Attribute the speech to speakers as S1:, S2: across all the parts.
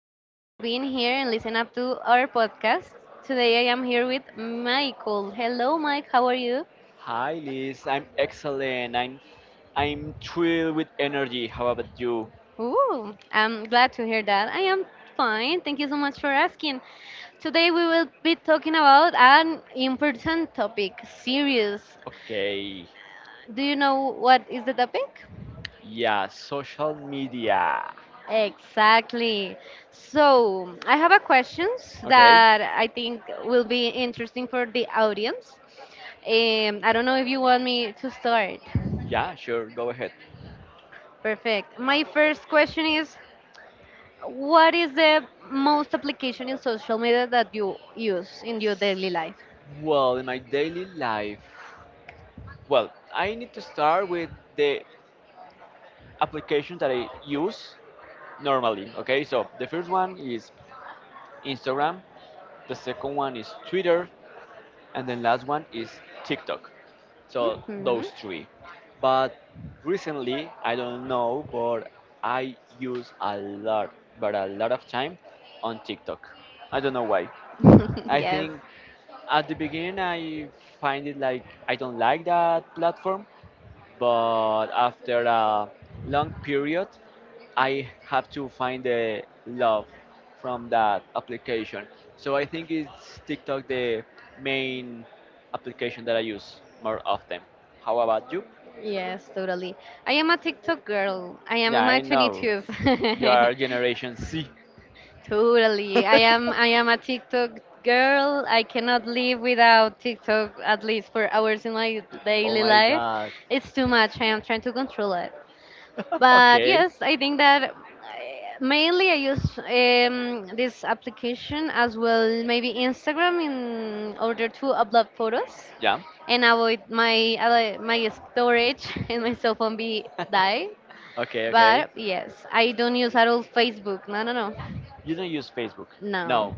S1: much for being here and listen up to our podcast. Today I am here with Michael. Hello, Mike. How are you?
S2: Hi Liz, I'm excellent. I'm thrilled with energy. How about you?
S1: Ooh, I'm glad to hear that. I am fine. Thank you so much for asking. Today we will be talking about an important topic, serious.
S2: Okay.
S1: Do you know what is the topic?
S2: Yeah, social media.
S1: Exactly. So I have a questions
S2: Okay.
S1: that I think will be interesting for the audience. I don't know if you want me to start.
S2: Yeah, sure. Go ahead.
S1: Perfect. My first question is, what is the most application in social media that you use in your daily life?
S2: Well, in my daily life, well, I need to start with the application that I use normally. Okay, so the first one is Instagram, the second one is Twitter, and then last one is TikTok. So
S1: Hmm.
S2: those three. But recently, I don't know, but I use a lot, but a lot of time on TikTok. I don't know why. I
S1: yes,
S2: think at the beginning I find it like I don't like that platform, but after a long period, I have to find the love from that application. So I think it's TikTok the main application that I use more often. How about you?
S1: yes, totally. I am a TikTok girl. I am
S2: Yeah,
S1: in my
S2: I know.
S1: 22s.
S2: You are Generation C.
S1: Totally. I am I am a TikTok girl. I cannot live without TikTok at least for hours in my
S2: Oh
S1: daily
S2: my
S1: life.
S2: god.
S1: It's too much. I am trying to control it. But
S2: Okay.
S1: yes, I think that mainly I use this application as well, maybe Instagram, in order to upload photos
S2: Yeah.
S1: and avoid my storage and my cell phone be die.
S2: Okay,
S1: But
S2: okay.
S1: yes, I don't use at all Facebook. No, no, no.
S2: You don't use Facebook?
S1: No.
S2: No,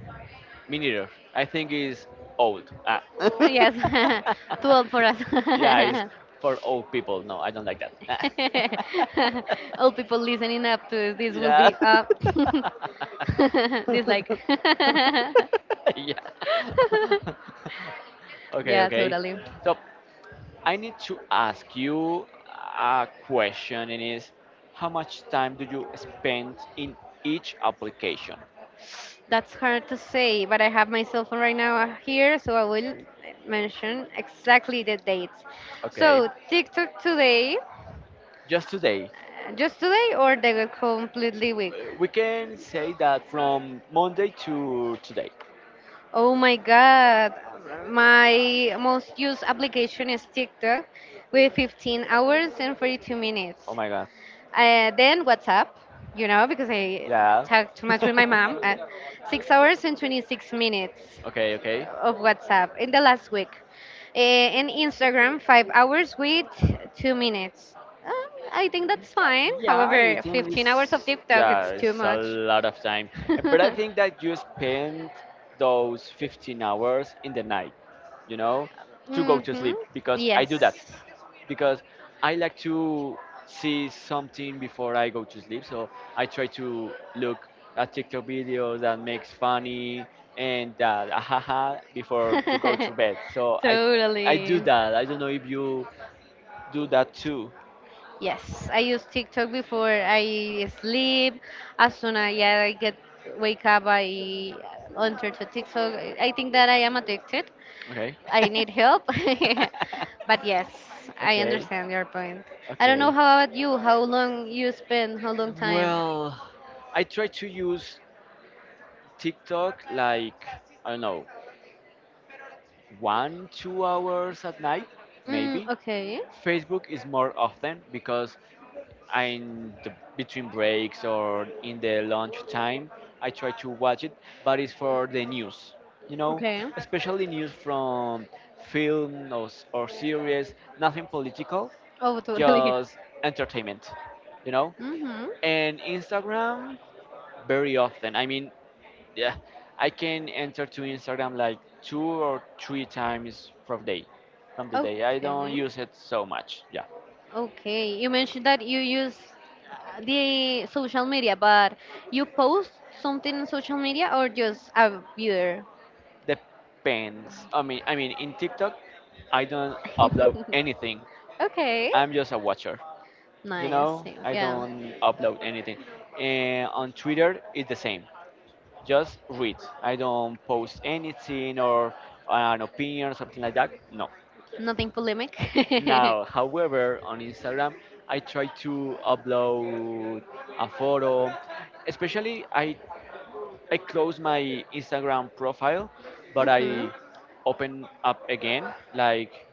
S2: me neither. I think it's old. Ah.
S1: yes. too old for us.
S2: Yeah, it's for old people. No, I don't like that.
S1: All people listening up to this will
S2: Yeah.
S1: be up. Dislike.
S2: Yeah. Okay,
S1: yeah,
S2: okay.
S1: totally.
S2: So I need to ask you a question, and is how much time do you spend in each application?
S1: That's hard to say, but I have my cell phone right now here, so I will mention exactly the dates.
S2: Okay,
S1: So, TikTok today,
S2: just today.
S1: just today, or the completely week?
S2: We can say that from Monday to today.
S1: Oh my god, my most used application is TikTok with 15 hours and 42
S2: Oh
S1: minutes.
S2: my god.
S1: Then WhatsApp, because I
S2: Yeah.
S1: talk too much with my mom. 6 hours and 26 minutes
S2: Okay, okay.
S1: of WhatsApp in the last week. And Instagram, 5 hours with 2 minutes. Um, I think that's
S2: Yeah,
S1: fine.
S2: yeah, I
S1: However,
S2: think
S1: 15 hours of
S2: it's
S1: TikTok, it's
S2: yeah,
S1: too
S2: it's a
S1: much.
S2: lot of time. And but I think that you spend those 15 hours in the night, you know, to go to
S1: hmm.
S2: sleep because I
S1: Yes.
S2: do that because I like to see something before I go to sleep. So I try to look at TikTok videos that makes funny and that ahaha before to go to bed. So I
S1: totally.
S2: do that. I don't know if you do that too.
S1: Yes, I use TikTok before I sleep. As soon as, yeah, I get wake up, I enter to TikTok. I think that I am addicted.
S2: Okay.
S1: I need help. but yes, I
S2: Okay,
S1: understand your point. I don't know
S2: okay.
S1: how about you. How long you spend? How long time?
S2: Well, I try to use TikTok like, I don't know, one, 2 hours at night,
S1: Mm,
S2: maybe.
S1: okay.
S2: Facebook is more often because in the between breaks or in the lunch time, I try to watch it, but it's for the news, you know,
S1: Okay.
S2: especially news from film or, s- or series, nothing political,
S1: Oh, totally.
S2: just entertainment, you know.
S1: Mhm.
S2: And Instagram very often. I mean, yeah, I can enter to Instagram like two or three times from day, from the day. I don't
S1: Okay.
S2: use it so much. Yeah,
S1: Okay, you mentioned that you use the social media, but you post something on social media or just a viewer?
S2: depends. I mean, in TikTok, I don't upload anything.
S1: okay,
S2: I'm just a watcher. You
S1: nice.
S2: know, I
S1: Yeah,
S2: don't upload anything. And on Twitter, it's the same. Just read. I don't post anything or an opinion or something like that. No,
S1: nothing polemic.
S2: now, however, on Instagram, I try to upload a photo. Especially, I close my Instagram profile, but
S1: mm-hmm.
S2: I open up again, like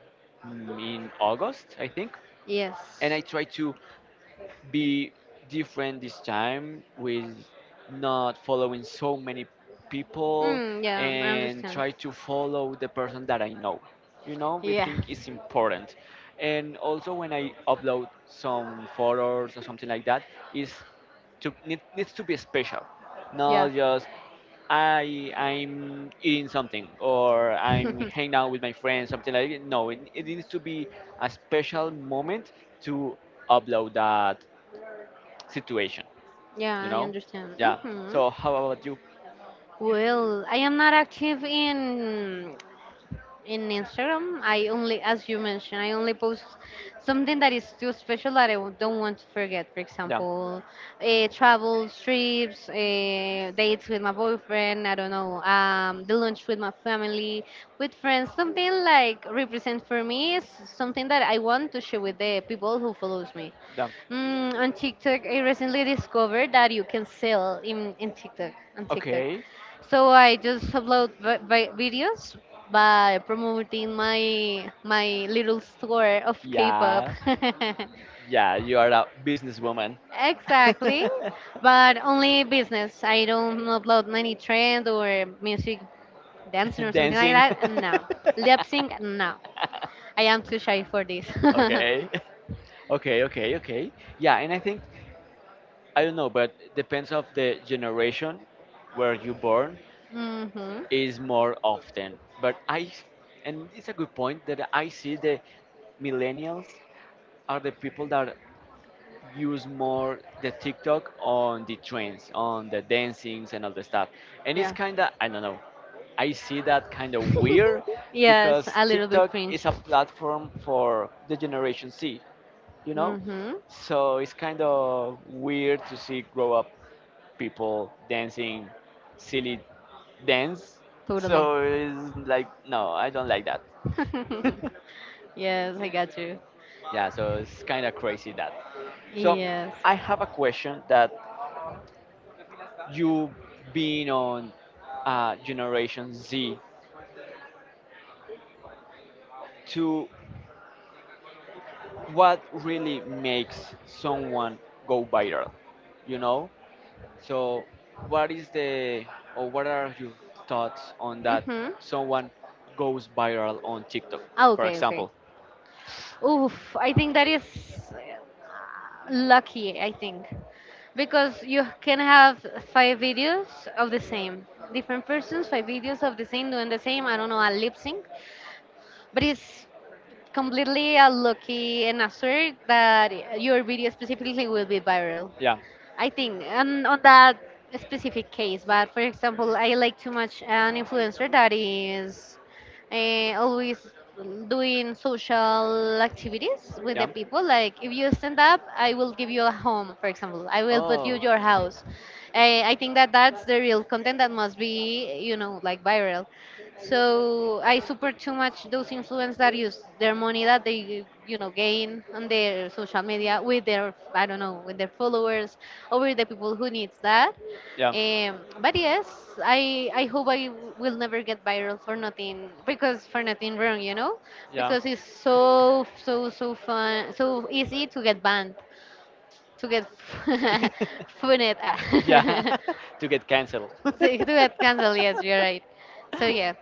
S2: in August, I think, and
S1: Yes.
S2: I try to be different this time with not following so many people
S1: Mm, yeah, I
S2: and
S1: understand.
S2: try to follow the person that I know. You know, we
S1: Yeah,
S2: think it's important. And also when I upload some photos or something like that, is to need, needs to be special,
S1: yeah,
S2: not just I'm eating something or I'm hanging out with my friends, something like that. No, it needs to be a special moment to upload that situation,
S1: yeah,
S2: you
S1: I
S2: know?
S1: understand.
S2: Yeah.
S1: Mm-hmm.
S2: So how about you?
S1: Well, I am not active in Instagram, I only, as you mentioned, I only post something that is too special that don't want to forget. For
S2: Yeah,
S1: example, travel, trips, dates with my boyfriend, I don't know, the lunch with my family, with friends. Something like represent for me is something that I want to share with the people who follows me.
S2: yeah.
S1: Mm, on TikTok, I recently discovered that you can sell in TikTok on TikTok.
S2: Okay.
S1: So I just upload videos by promoting my little store of K-pop.
S2: Yeah, yeah, you are a businesswoman.
S1: Exactly, but only business. I don't upload any trend or music, dancing or something like
S2: Dancing.
S1: that. No, lip sync. No, I am too shy for this.
S2: Okay. Okay, okay, okay. Yeah, and I think I don't know, but depends of the generation where you born
S1: mhm.
S2: is more often. But I, and it's a good point that I see the millennials are the people that use more the TikTok on the trends, on the dancings and all the stuff. And it's
S1: Yeah.
S2: kind of, I don't know, I see that kind of weird
S1: yes,
S2: because
S1: a little bit
S2: TikTok is
S1: cringe.
S2: a platform for the Generation C, you know?
S1: Mm-hmm.
S2: So it's kind of weird to see grow up people dancing silly dance.
S1: Totally.
S2: So it's like, no, I don't like that.
S1: yes, I got you.
S2: Yeah, so it's kind of crazy that. So
S1: Yes.
S2: I have a question that you being on Generation Z, to what really makes someone go viral, you know? So what is the, or what are your thoughts on that
S1: Mm-hmm.
S2: someone goes viral on TikTok, for
S1: Okay, okay.
S2: example?
S1: Oof, I think that is uh, lucky, I think. Because you can have five videos of the same. Different persons, five videos of the same, doing the same, I don't know, a lip sync. But it's completely a lucky and a sure that your video specifically will be viral.
S2: Yeah.
S1: I think on that specific case, but for example, I like too much an influencer that is always doing social activities with the
S2: Yeah.
S1: people. Like if you stand up, I will give you a home, for example. I will put you
S2: Oh.
S1: your house. I think that that's the real content that must be, like viral. So I support too much those influencers that use their money that they gain on their social media with their I don't know with their followers or with the people who needs that.
S2: Yeah.
S1: Um, but yes, I hope will never get viral for nothing because for nothing wrong,
S2: Yeah.
S1: because it's so fun so easy to get banned to get funed,
S2: Yeah.
S1: ah.
S2: To get cancelled.
S1: so to get canceled. Yes, you're right. So yeah,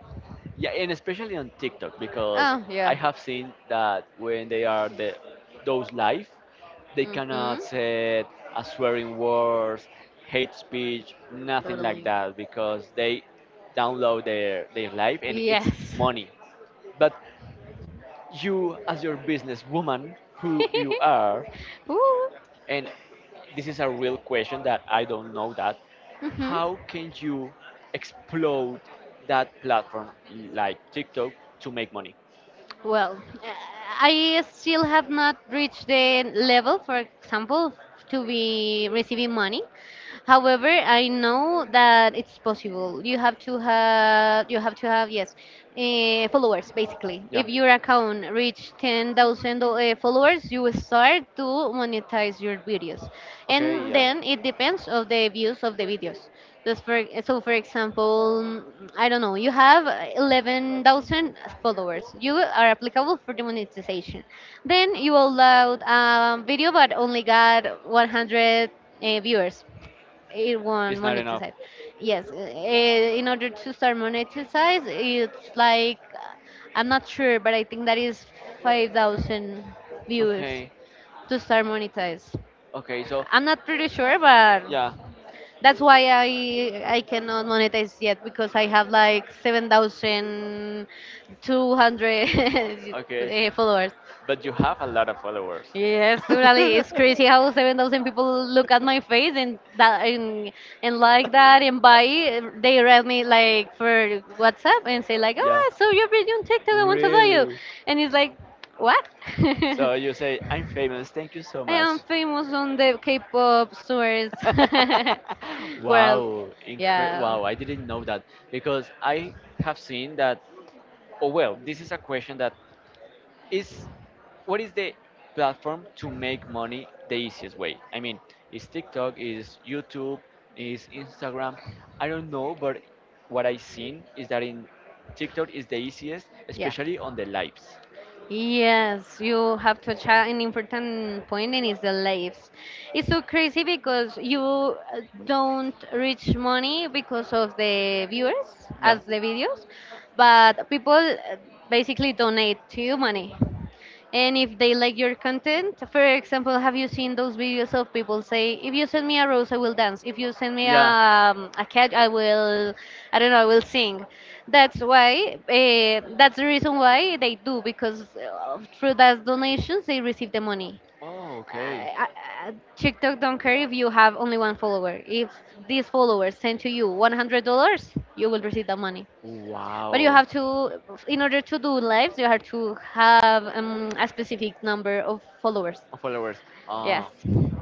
S2: Yeah, and especially on TikTok because
S1: oh
S2: I
S1: yeah,
S2: have seen that when they are the those live, they cannot
S1: mhm,
S2: say a swearing words, hate speech, nothing like
S1: totally.
S2: that because they download their live and it's
S1: Yes.
S2: money. But you as your businesswoman who you are
S1: Ooh.
S2: and this is a real question that I don't know that
S1: Hmm.
S2: how can you explode that platform like TikTok to make money?
S1: Well, I still have not reached the level, for example, to be receiving money. However, I know that it's possible. You have to have, yes, followers basically. If
S2: Yeah.
S1: your account reach 10,000 followers, you will start to monetize your videos,
S2: Okay,
S1: and
S2: yeah.
S1: then it depends of the views of the videos. So for example, I don't know, you have 11,000 followers. You are applicable for the monetization. Then you upload a video but only got 100 viewers. It won't
S2: It's not enough.
S1: monetize. Yes, in order to start monetize, it's like, I'm not sure, but I think that is 5,000 viewers
S2: Okay.
S1: to start monetize.
S2: Okay, so
S1: I'm not pretty sure, but
S2: yeah.
S1: that's why I cannot monetize yet because I have like 7,200
S2: Okay.
S1: followers.
S2: But you have a lot of followers.
S1: Yes, totally. It's crazy how 7,000 people look at my face and that and like that and buy it. They read me like for WhatsApp and say like,
S2: Yeah.
S1: "Oh, I saw your video on TikTok. I want to buy you," and it's like, "What?"
S2: So you say, I'm famous, thank you so
S1: I
S2: much.
S1: am famous on the K-pop stores world.
S2: Wow, incre-
S1: Yeah,
S2: wow, I didn't know that because I have seen that. Oh, well, this is a question that is what is the platform to make money the easiest way? I mean, is TikTok, is YouTube, is Instagram? I don't know, but what I've seen is that in TikTok is the easiest,
S1: yeah.
S2: especially on the lives.
S1: Yes, you have touched an important point, and it's the lives. It's so crazy because you don't reach money because of the viewers
S2: Yeah.
S1: as the videos, but people basically donate to you money. And if they like your content, for example, have you seen those videos of people say, if you send me a rose, I will dance. If you send me a,
S2: Yeah.
S1: um, a cat, I don't know, I will sing. That's why, that's the reason why they do, because through those donations, they receive the money.
S2: Oh, okay.
S1: I- I- TikTok don't care if you have only one follower. If these followers send to you $100, you will receive the money. But you
S2: Wow.
S1: have to, in order to do lives, you have to have a specific number of followers.
S2: Followers.
S1: Yes.
S2: Oh,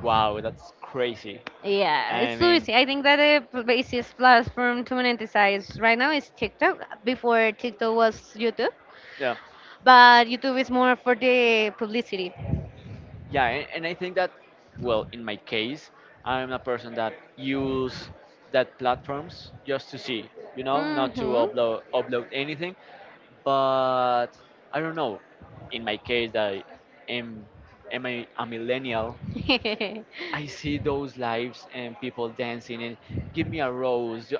S2: wow, that's crazy.
S1: Yeah, it's
S2: I
S1: so
S2: mean,
S1: easy. I think that the easiest platform to monetize right now is TikTok. Before TikTok was YouTube,
S2: yeah.
S1: but YouTube is more for the publicity.
S2: Yeah and I think that well in my case I'm a person that use that platforms just to see you know not to
S1: Mm-hmm.
S2: upload anything but I don't know in my case i am am a millennial. I see those lives and people dancing and give me a rose. Yo-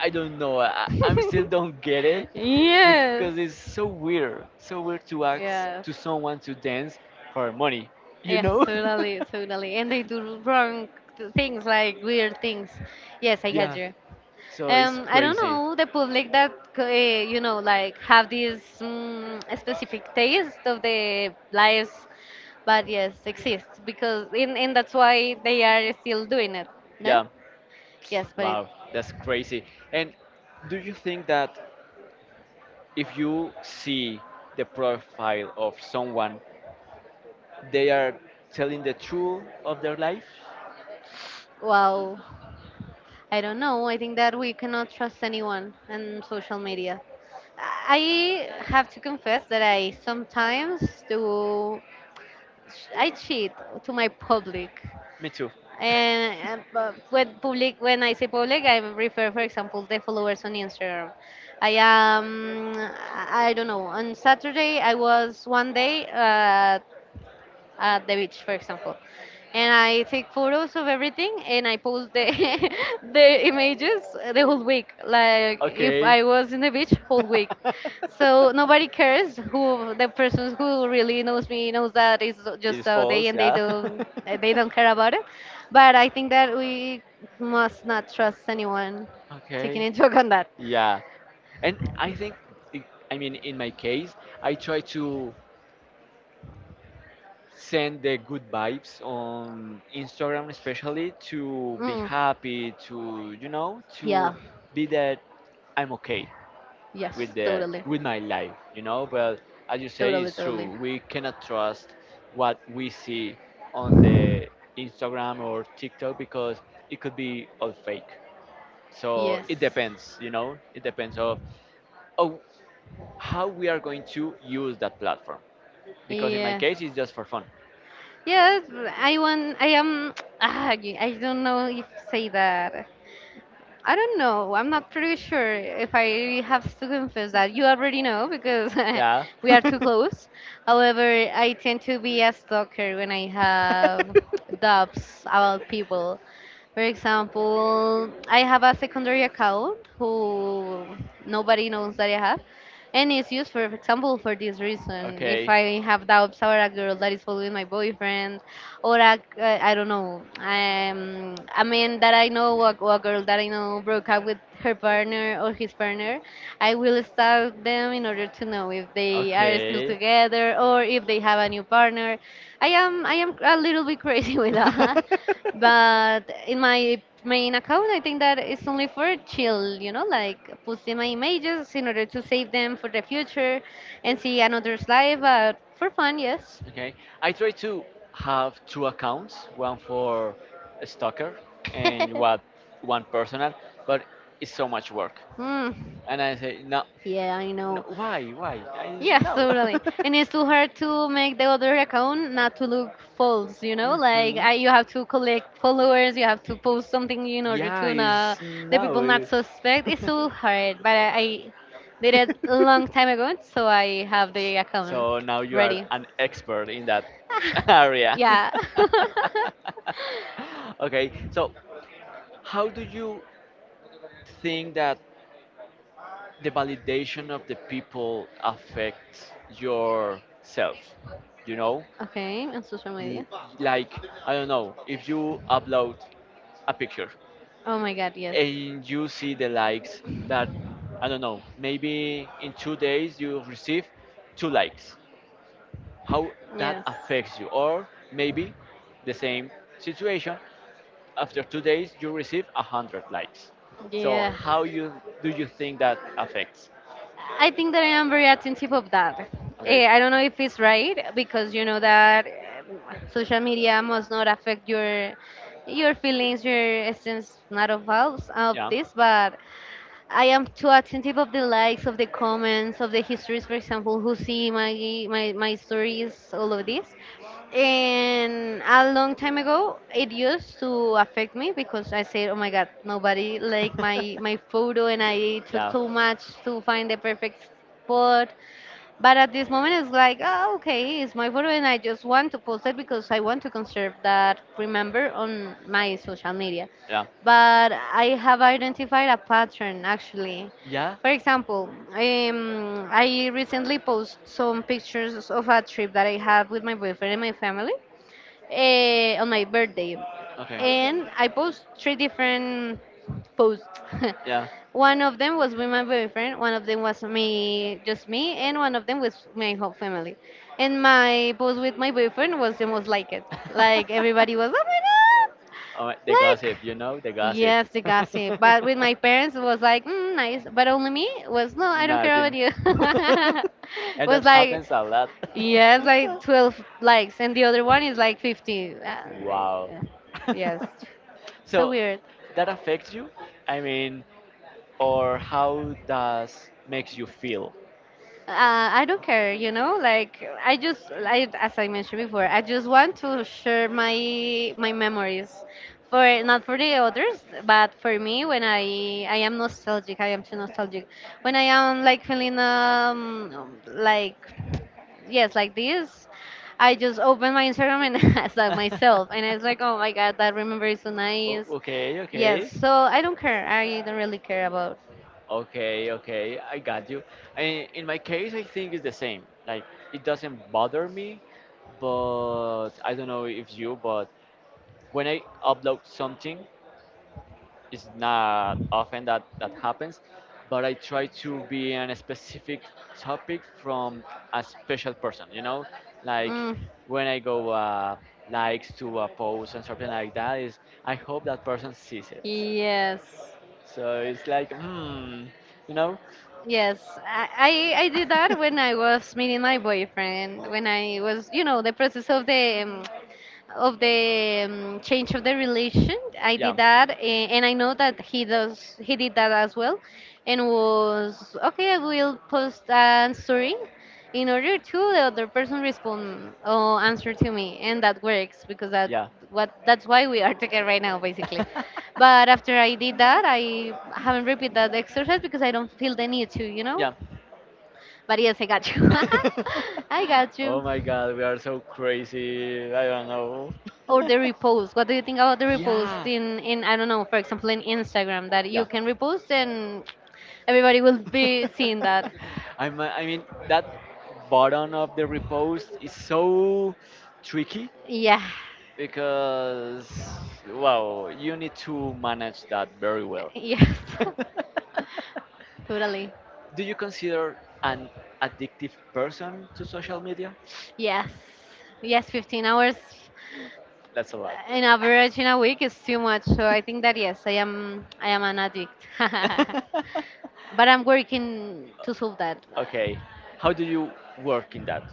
S2: I don't know. I still don't get it
S1: yes.
S2: because it's so weird. So weird to ask
S1: Yes.
S2: to someone to dance for money. You
S1: Yes,
S2: know?
S1: totally, totally. And they do wrong things, like weird things. Yes, I got
S2: Yeah.
S1: you.
S2: So it's
S1: I don't
S2: crazy.
S1: know the public that like have this specific taste of the lives, but yes, exists because in and that's why they are still doing it. No?
S2: Yeah.
S1: Yes, but it,
S2: Wow. That's crazy. And do you think that if you see the profile of someone, they are telling the truth of their life?
S1: wow, I don't know. I think that we cannot trust anyone on social media. I have to confess that I sometimes do. I cheat to my public.
S2: Me too.
S1: And but when I say public, I refer, for example, the followers on Instagram. I am, I don't know. On Saturday, I was one day. At the beach, for example. And I take photos of everything and I post the the images the whole week.
S2: Like,
S1: Like if
S2: okay.
S1: I was in the beach whole week. So nobody cares who the persons who really knows me knows that it's just
S2: It's
S1: a day
S2: false,
S1: and they
S2: yeah. Yeah.
S1: don't they don't care about it. But I think that we must not trust anyone taking
S2: Okay.
S1: into account that.
S2: Yeah, and I think, i- I mean, in my case, I try to send the good vibes on Instagram, especially to be
S1: Mm,
S2: happy, to you know, to
S1: yeah.
S2: be that I'm okay
S1: Yes.
S2: with the
S1: Totally.
S2: with my life, you know. But as you say,
S1: Totally.
S2: it's
S1: Totally.
S2: true. We cannot trust what we see on the Instagram or TikTok because it could be all fake. So
S1: Yes.
S2: it depends, you know. It depends of. Oh, how we are going to use that platform. Because in my
S1: Yes.
S2: case, it's just for fun.
S1: Yes, I want. I am. I don't know if say that. I don't know. I'm not pretty sure if I have to confess that. You already know because
S2: Yeah.
S1: we are too close. However, I tend to be a stalker when I have doubts about people. For example, I have a secondary account who nobody knows that I have, and it's used, for example, for this reason. If
S2: Okay.
S1: I have doubts or a girl that is following my boyfriend or a, I don't know, a man that I know, or a girl that I know broke up with her partner or his partner. I will stalk them in order to know if they are still
S2: Okay.
S1: together or if they have a new partner. I am a little bit crazy with that. But in my main account, I think that it's only for chill, like posting my images in order to save them for the future and see another's life, but for fun, yes.
S2: Okay. I try to have two accounts, one for a stalker and what one personal, but it's so much work.
S1: Hmm.
S2: And I say, no,
S1: Yeah, I
S2: no
S1: know.
S2: why, why? I s-
S1: Yes,
S2: no.
S1: totally. And it's too hard to make the other account not to look false, you know?
S2: Hmm.
S1: You have to collect followers, you have to post something in order
S2: Yeah,
S1: to not,
S2: it's
S1: the people not
S2: no.
S1: suspect. It's so hard, but I did it a long time ago, so I have the account
S2: So now you are
S1: ready.
S2: an expert in that area.
S1: Yeah.
S2: Okay, so how do you think that the validation of the people affects yourself? You know,
S1: Okay, on social
S2: L-
S1: media.
S2: like I don't know if you upload a picture
S1: Oh my God, yes.
S2: and you see the likes that I don't know, maybe in 2 days you receive two likes. How that
S1: Yes.
S2: affects you, or maybe the same situation after 2 days you receive 100 likes. So
S1: Yeah.
S2: how you do you think that affects?
S1: I think that I am very attentive of that.
S2: Okay,
S1: I don't know if it's right because you know that social media must not affect your feelings, your essence, not of all of
S2: yeah.
S1: this. But I am too attentive of the likes, of the comments, of the histories, for example, who see my stories, all of this. And a long time ago, it used to affect me because I said, "Oh my God, nobody liked my photo, and I took
S2: Yeah,
S1: too much to find the perfect spot." But at this moment, it's like, oh, okay, it's my photo, and I just want to post it because I want to conserve that remember on my social media.
S2: yeah,
S1: But I have identified a pattern actually.
S2: yeah.
S1: For example, I recently posted some pictures of a trip that I have with my boyfriend and my family on my birthday,
S2: Okay,
S1: and I post three different posts.
S2: yeah.
S1: One of them was with my boyfriend, one of them was me, just me, and one of them was my whole family. And my post with my boyfriend was the most liked. Like everybody was, oh my God,
S2: Oh, the
S1: like.
S2: gossip, you know, the gossip.
S1: Yes, the gossip. But with my parents, it was like, mm, nice. But only me was, no, I don't care about
S2: Nothing.
S1: you.
S2: And
S1: Was
S2: that Like
S1: like,
S2: happens a lot.
S1: yes, like 12 likes, and the other one is like 50. Ah,
S2: Wow.
S1: yeah. Yes, so
S2: So
S1: weird.
S2: that affects you? I mean, or how does makes you feel?
S1: I don't care, you know. Like I just, I, as I mentioned before, I just want to share my memories, for not for the others, but for me when I am nostalgic. I am too nostalgic. When I am like feeling like yes, like this. I just opened my Instagram and I saw myself, and I was like, oh my God, that remember is so
S2: O-
S1: nice.
S2: okay,
S1: Yes,
S2: okay.
S1: so I don't care. I don't really care about.
S2: Okay, okay, I got you. I, in my case, I think it's the same. Like, it doesn't bother me, but I don't know if you, but when I upload something, it's not often that that happens, but I try to be on a specific topic from a special person, you know? Like,
S1: Mm,
S2: when I go likes to a post and something like that, is I hope that person sees it.
S1: yes,
S2: So it's like, hmm, you know?
S1: yes. I, I did that when I was meeting my boyfriend. When I was, you know, the process of the change of the relation. I
S2: Yeah.
S1: did that, and I know that he does. He did that as well, and was okay. I will post an story in order to the other person respond or answer to me, and that works because
S2: Yeah.
S1: that's why we are together right now, basically. But after I did that, I haven't repeated that exercise because I don't feel the need to, you know.
S2: Yeah.
S1: But yes, I got you. I got
S2: Oh
S1: you.
S2: my god, we are so crazy. I don't know.
S1: Or the repost, what do you think about the repost
S2: Yeah.
S1: in I don't know, for example, in Instagram that you
S2: Yeah.
S1: can repost and everybody will be seeing that?
S2: I mean that button of the repost is so tricky
S1: Yeah.
S2: because wow, you need to manage that very well.
S1: Yes. Totally.
S2: Do you consider an addictive person to social media?
S1: Yes. Yes, 15 hours
S2: That's a lot.
S1: in average in a week is too much, so I think that yes, I am an addict. But I'm working to solve that.
S2: Okay. How do you work in that?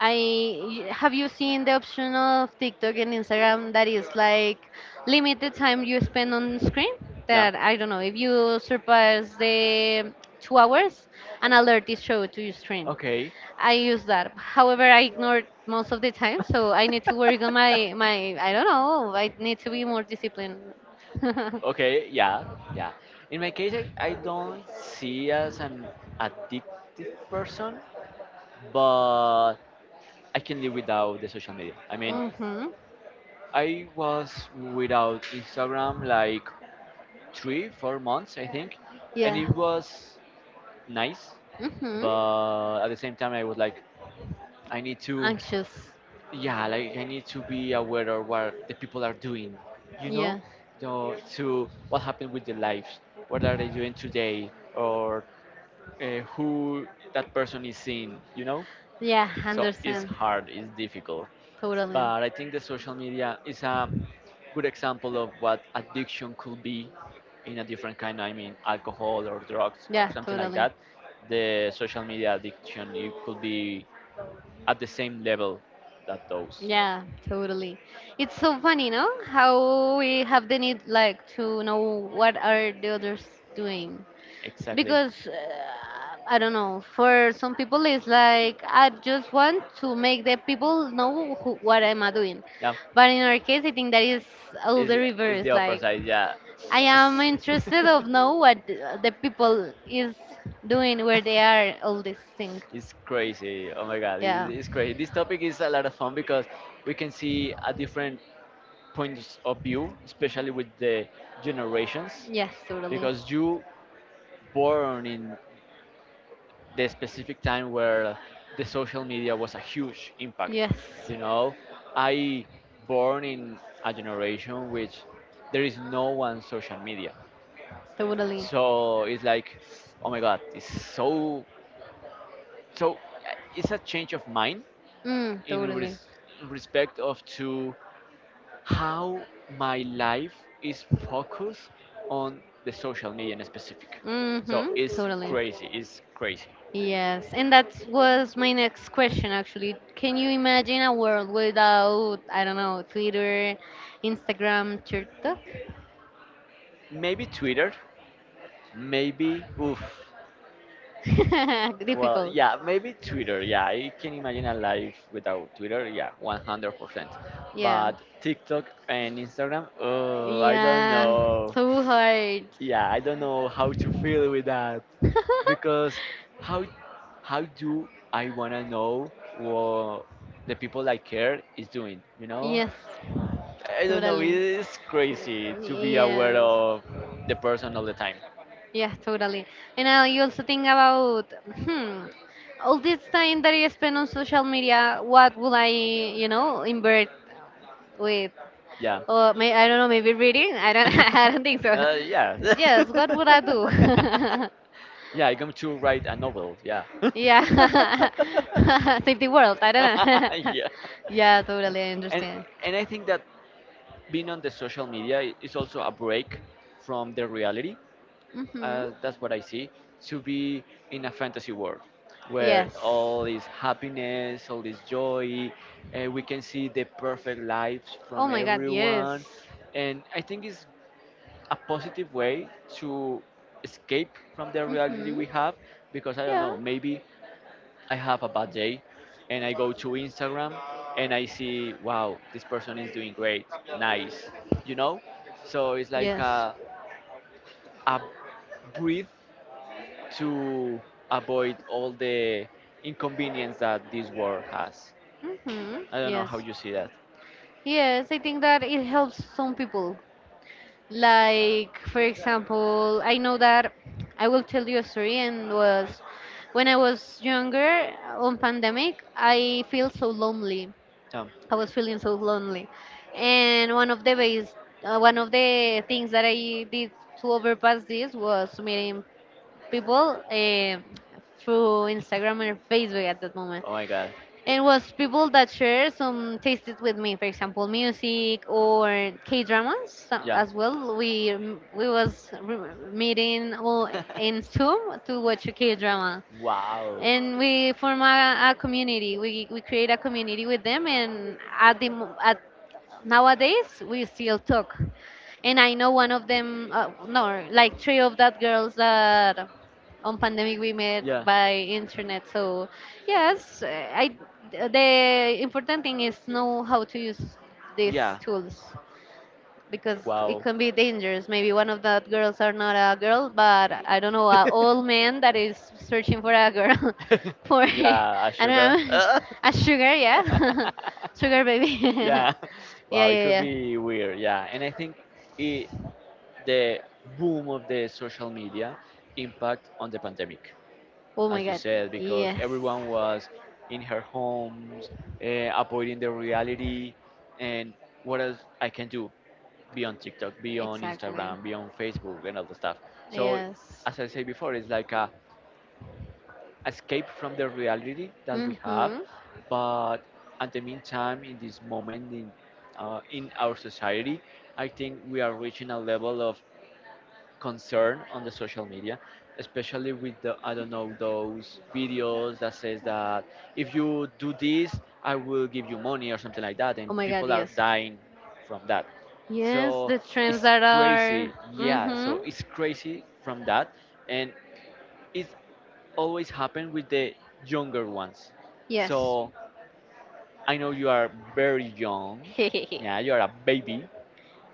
S1: I have, you seen the option of TikTok and Instagram that is like limit the time you spend on screen?
S2: Yeah.
S1: That I don't know if you surpass the 2 hours, an alert is showed to your screen.
S2: Okay.
S1: I use that. However, I ignore it most of the time, so I need to work on my. I don't know. I need to be more disciplined.
S2: Okay, yeah, yeah. In my case, I don't see as an addictive person, but I can live without the social media. I mean,
S1: Mhm.
S2: I was without Instagram like three, 4 months, I think, and
S1: Yeah.
S2: it was nice,
S1: Mhm.
S2: but at the same time, I was like, I need to,
S1: Anxious.
S2: yeah, like I need to be aware of what the people are doing, you know
S1: Yeah.
S2: to what happened with their lives, what are they doing today, or who that person is seeing.
S1: Yeah.
S2: So it's
S1: Understand.
S2: hard, it's difficult,
S1: Totally.
S2: but I think the social media is a good example of what addiction could be in a different kind. I mean, alcohol or drugs or
S1: Yeah,
S2: something like
S1: totally.
S2: that. The social media addiction, it could be at the same level that those.
S1: Yeah, totally. It's so funny, no? How we have the need like to know what are the others doing.
S2: Exactly.
S1: Because I don't know, for some people it's like I just want to make the people know who, what am I doing.
S2: Yeah,
S1: But in our case, I think that is all the
S2: it's, it's the
S1: reverse.
S2: upper
S1: Like
S2: side. Yeah,
S1: I am interested of know what the people is doing, where they are, all this thing.
S2: it's crazy. Oh my god, it's,
S1: Yeah.
S2: it's crazy. This topic is a lot of fun because we can see a different points of view, especially with the generations.
S1: Yes, totally.
S2: Because you born in the specific time where the social media was a huge impact.
S1: Yes.
S2: You know, I born in a generation which there is no one social media.
S1: Totally.
S2: So it's like, oh my god, it's so. So it's a change of mind
S1: Mm,
S2: in,
S1: totally.
S2: in respect of to how my life is focused on the social media in specific. So
S1: Mm-hmm.
S2: it's
S1: Totally.
S2: crazy. It's crazy.
S1: Yes. And that was my next question, actually. Can you imagine a world without, I don't know, Twitter, Instagram, TikTok?
S2: Maybe Twitter. Maybe oof. Well,
S1: Difficult.
S2: yeah, maybe Twitter. Yeah, I can imagine a life without Twitter. Yeah, 100%.
S1: Yeah.
S2: But TikTok and Instagram, oh, I don't
S1: Yeah.
S2: know.
S1: So hard.
S2: Yeah, I don't know how to feel with that. Because how how do I wanna know what the people I care is doing? You know,
S1: Yes.
S2: I don't know. It
S1: Totally.
S2: is crazy to be aware
S1: Yes.
S2: of the person all the time.
S1: Yeah, totally. And you also think about, hmm, all this time that I spend on social media, what will I, you know, invert with?
S2: Yeah,
S1: Or may, I don't know, maybe reading? I don't, I don't think so.
S2: yeah,
S1: Yes, what would I do?
S2: yeah. I'm going to write a novel. Yeah,
S1: Yeah, save the world. I don't know.
S2: yeah.
S1: Yeah, totally. I
S2: And
S1: understand.
S2: and I think that being on the social media is also a break from the reality.
S1: Mhm.
S2: That's what I see. To be in a fantasy world where
S1: Yes.
S2: all is happiness, all is joy, we can see the perfect lives
S1: Oh
S2: from
S1: my God. Yes.
S2: everyone. And I think it's a positive way to escape from the reality
S1: Mhm.
S2: we have because I don't
S1: Yeah.
S2: know, maybe I have a bad day and I go to Instagram and I see, wow, this person is doing great, nice, you know? So it's like
S1: Yes.
S2: a breathe to avoid all the inconvenience that this world has.
S1: Mhm.
S2: I don't know how
S1: Yes.
S2: you see that.
S1: Yes, I think that it helps some people. Like, for example, I know that I will tell you a story, and was when I was younger on pandemic, I feel so lonely.
S2: Tom,
S1: I was feeling so lonely. And one of the ways, one of the things that I did to overpass this was meeting people through Instagram and Facebook at that moment
S2: oh my god.
S1: and was people that share some tastes with me, for example music or k-dramas,
S2: Yeah.
S1: as well we meeting all in Zoom to watch a k-drama
S2: wow.
S1: and we form a community. We create a community with them, and at at nowadays we still talk. And I know one of them, no, like three of that girls that on pandemic we met
S2: Yeah.
S1: by internet. So yes, I the important thing is know how to use these
S2: Yeah.
S1: tools because it
S2: Wow.
S1: can be dangerous. Maybe one of the girls are not a girl, but I don't know, a old man that is searching for a girl, for I
S2: Yeah, a
S1: don't
S2: sugar.
S1: know, a sugar, yeah, sugar baby.
S2: Yeah.
S1: Yeah,
S2: Wow, it
S1: yeah,
S2: could
S1: yeah.
S2: be weird. Yeah, and I think it, the boom of the social media impact on the pandemic,
S1: Oh my
S2: as you
S1: God.
S2: said, because
S1: Yes,
S2: everyone was in her homes, uh, avoiding the reality. And what else I can do? Be on TikTok, be on
S1: exactly.
S2: Instagram, be on Facebook, and all the stuff. So,
S1: Yes.
S2: as I said before, it's like a escape from the reality that we have,
S1: Mhm.
S2: but at the meantime, in this moment in our society, I think we are reaching a level of concern on the social media, especially with the, I don't know, those videos that says that if you do this, I will give you money or something like that, and
S1: Oh my God.
S2: people are
S1: Yes.
S2: dying from that.
S1: Yes,
S2: So
S1: the trends
S2: it's
S1: that are.
S2: crazy, yeah.
S1: Mhm.
S2: So it's crazy from that, and it's always happened with the younger ones.
S1: Yes.
S2: So I know you are very young, yeah, you are a baby,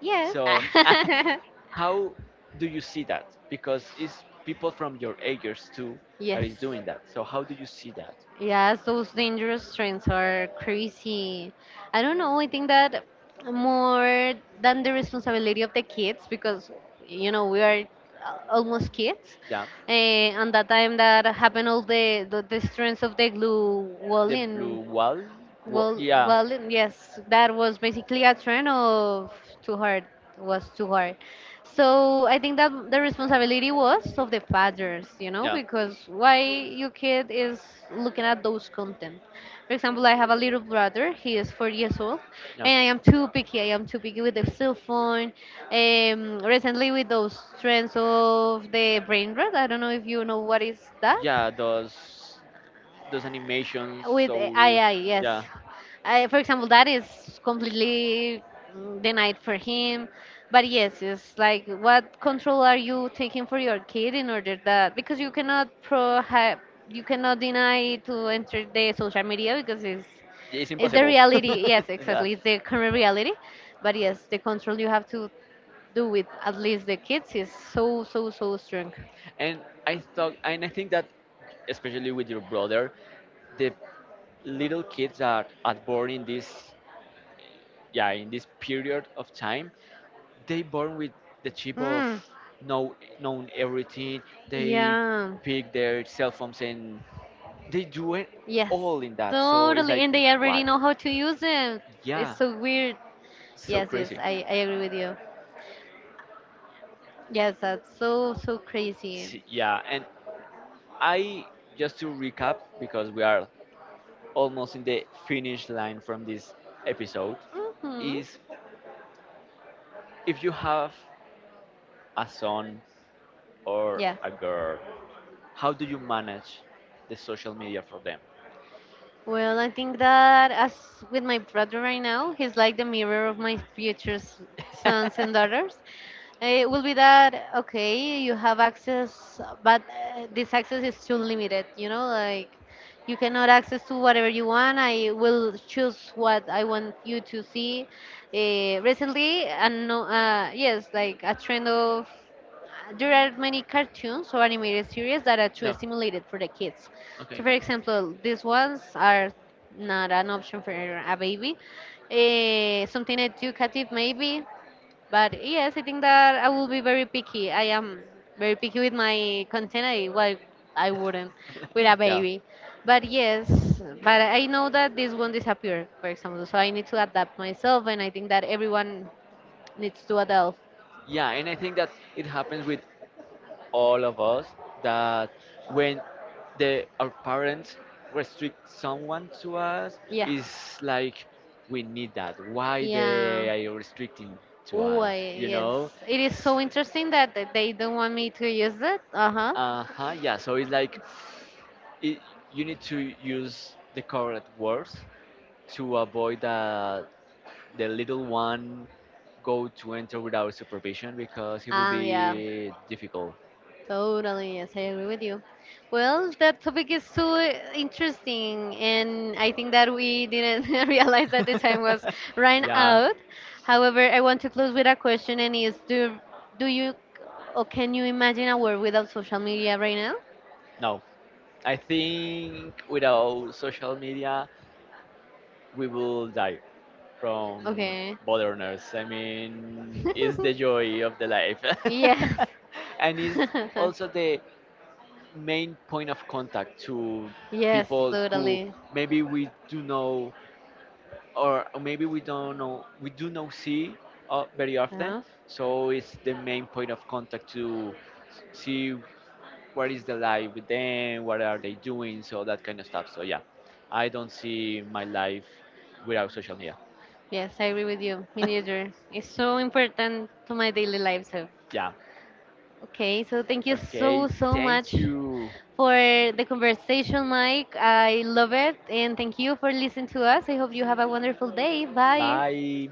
S1: Yes.
S2: so, how do you see that? Because it's people from your ages too that
S1: Yes.
S2: is doing that. So, how do you see that?
S1: Yes, those dangerous trends are crazy. I don't know. I think that more than the responsibility of the kids, because you know we are almost kids.
S2: Yeah,
S1: And that time that happened, all the strength of the glue wall
S2: the blue
S1: in
S2: wall. Well,
S1: well,
S2: yeah,
S1: well, yes, that was basically a trend of too hard, was too hard. So I think that the responsibility was of the fathers, you know,
S2: yeah.
S1: because why your kid is looking at those content. For example, I have a little brother. He is 4 years old,
S2: Yeah.
S1: and I am too picky. I am too picky with the cell phone. Recently with those trends of the brain rot. I don't know if you know what is that
S2: Yeah, those animations.
S1: with
S2: So
S1: AI, yes.
S2: yeah,
S1: I, for example, that is completely mm, denied for him. But yes, it's like what control are you taking for your kid in order that because you cannot pro you cannot deny to enter the social media because
S2: it's
S1: it's the
S2: impossible.
S1: reality. Yes,
S2: yeah.
S1: exactly, it's the current reality. But yes, the control you have to do with at least the kids is so, so, so strong.
S2: And I thought, and I think that especially with your brother, the little kids that are born in this, yeah, in this period of time, they born with the chip of
S1: Mm,
S2: know, known everything. They
S1: yeah.
S2: pick their cell phones and they do it
S1: Yes,
S2: all in that, so it's
S1: totally.
S2: like
S1: And they already
S2: what,
S1: know how to use it. It's
S2: yeah,
S1: so weird.
S2: so
S1: Yes, yes,
S2: crazy.
S1: I agree with you. Yes, that's so, so crazy.
S2: Yeah, and I just to recap because we are almost in the finish line from this episode
S1: Mm-hmm.
S2: is if you have a son or
S1: Yeah.
S2: a girl, how do you manage the social media for them?
S1: Well, I think that as with my brother right now, he's like the mirror of my future sons and daughters. Eh, it will be that, okay, you have access, but this access is too limited, you know, like you cannot access to whatever you want. I will choose what I want you to see. Recently, and no, yes, like a trend of there are many cartoons or animated series that are too
S2: no.
S1: stimulated for the kids.
S2: Okay.
S1: So, for example, these ones are not an option for a baby. Eh, something educative, maybe. But yes, I think that I will be very picky. I am very picky with my content. I, well, I wouldn't with a
S2: yeah.
S1: baby. But yes, but I know that this won't disappear, for example. So I need to adapt myself, and I think that everyone needs to adapt.
S2: Yeah, and I think that it happens with all of us that when the our parents restrict someone to us,
S1: Yeah.
S2: it's like we need that. Why
S1: Yeah.
S2: they are restricting to
S1: Oh,
S2: us?
S1: I,
S2: You
S1: yes.
S2: know?
S1: It is so interesting that they don't want me to use it. Uh huh.
S2: Uh huh. Yeah. So it's like it, you need to use the correct words to avoid that the little one go to enter without supervision because it will
S1: And yeah,
S2: be difficult.
S1: totally. Yes, I agree with you. Well, that topic is so interesting, and I think that we didn't realize that the time was run
S2: yeah,
S1: out. However, I want to close with a question, and is do you or can you imagine a world without social media right now?
S2: no. I think without social media, we will die from
S1: Okay.
S2: boredness. I mean, it's the joy of the life.
S1: Yes.
S2: and it's also the main point of contact to
S1: Yes,
S2: people who
S1: totally.
S2: maybe we do know, or maybe we don't know, we do not see very often.
S1: Uh-huh.
S2: So it's the main point of contact to see what is the life with them, what are they doing, so that kind of stuff, so yeah, I don't see my life without social media.
S1: Yes, I agree with you. Me neither. It's so important to my daily life. So,
S2: yeah,
S1: okay. So thank you so
S2: okay,
S1: so much
S2: thank you,
S1: for the conversation, Mike. I love it, and thank you for listening to us. I hope you have a wonderful day. Bye.
S2: bye.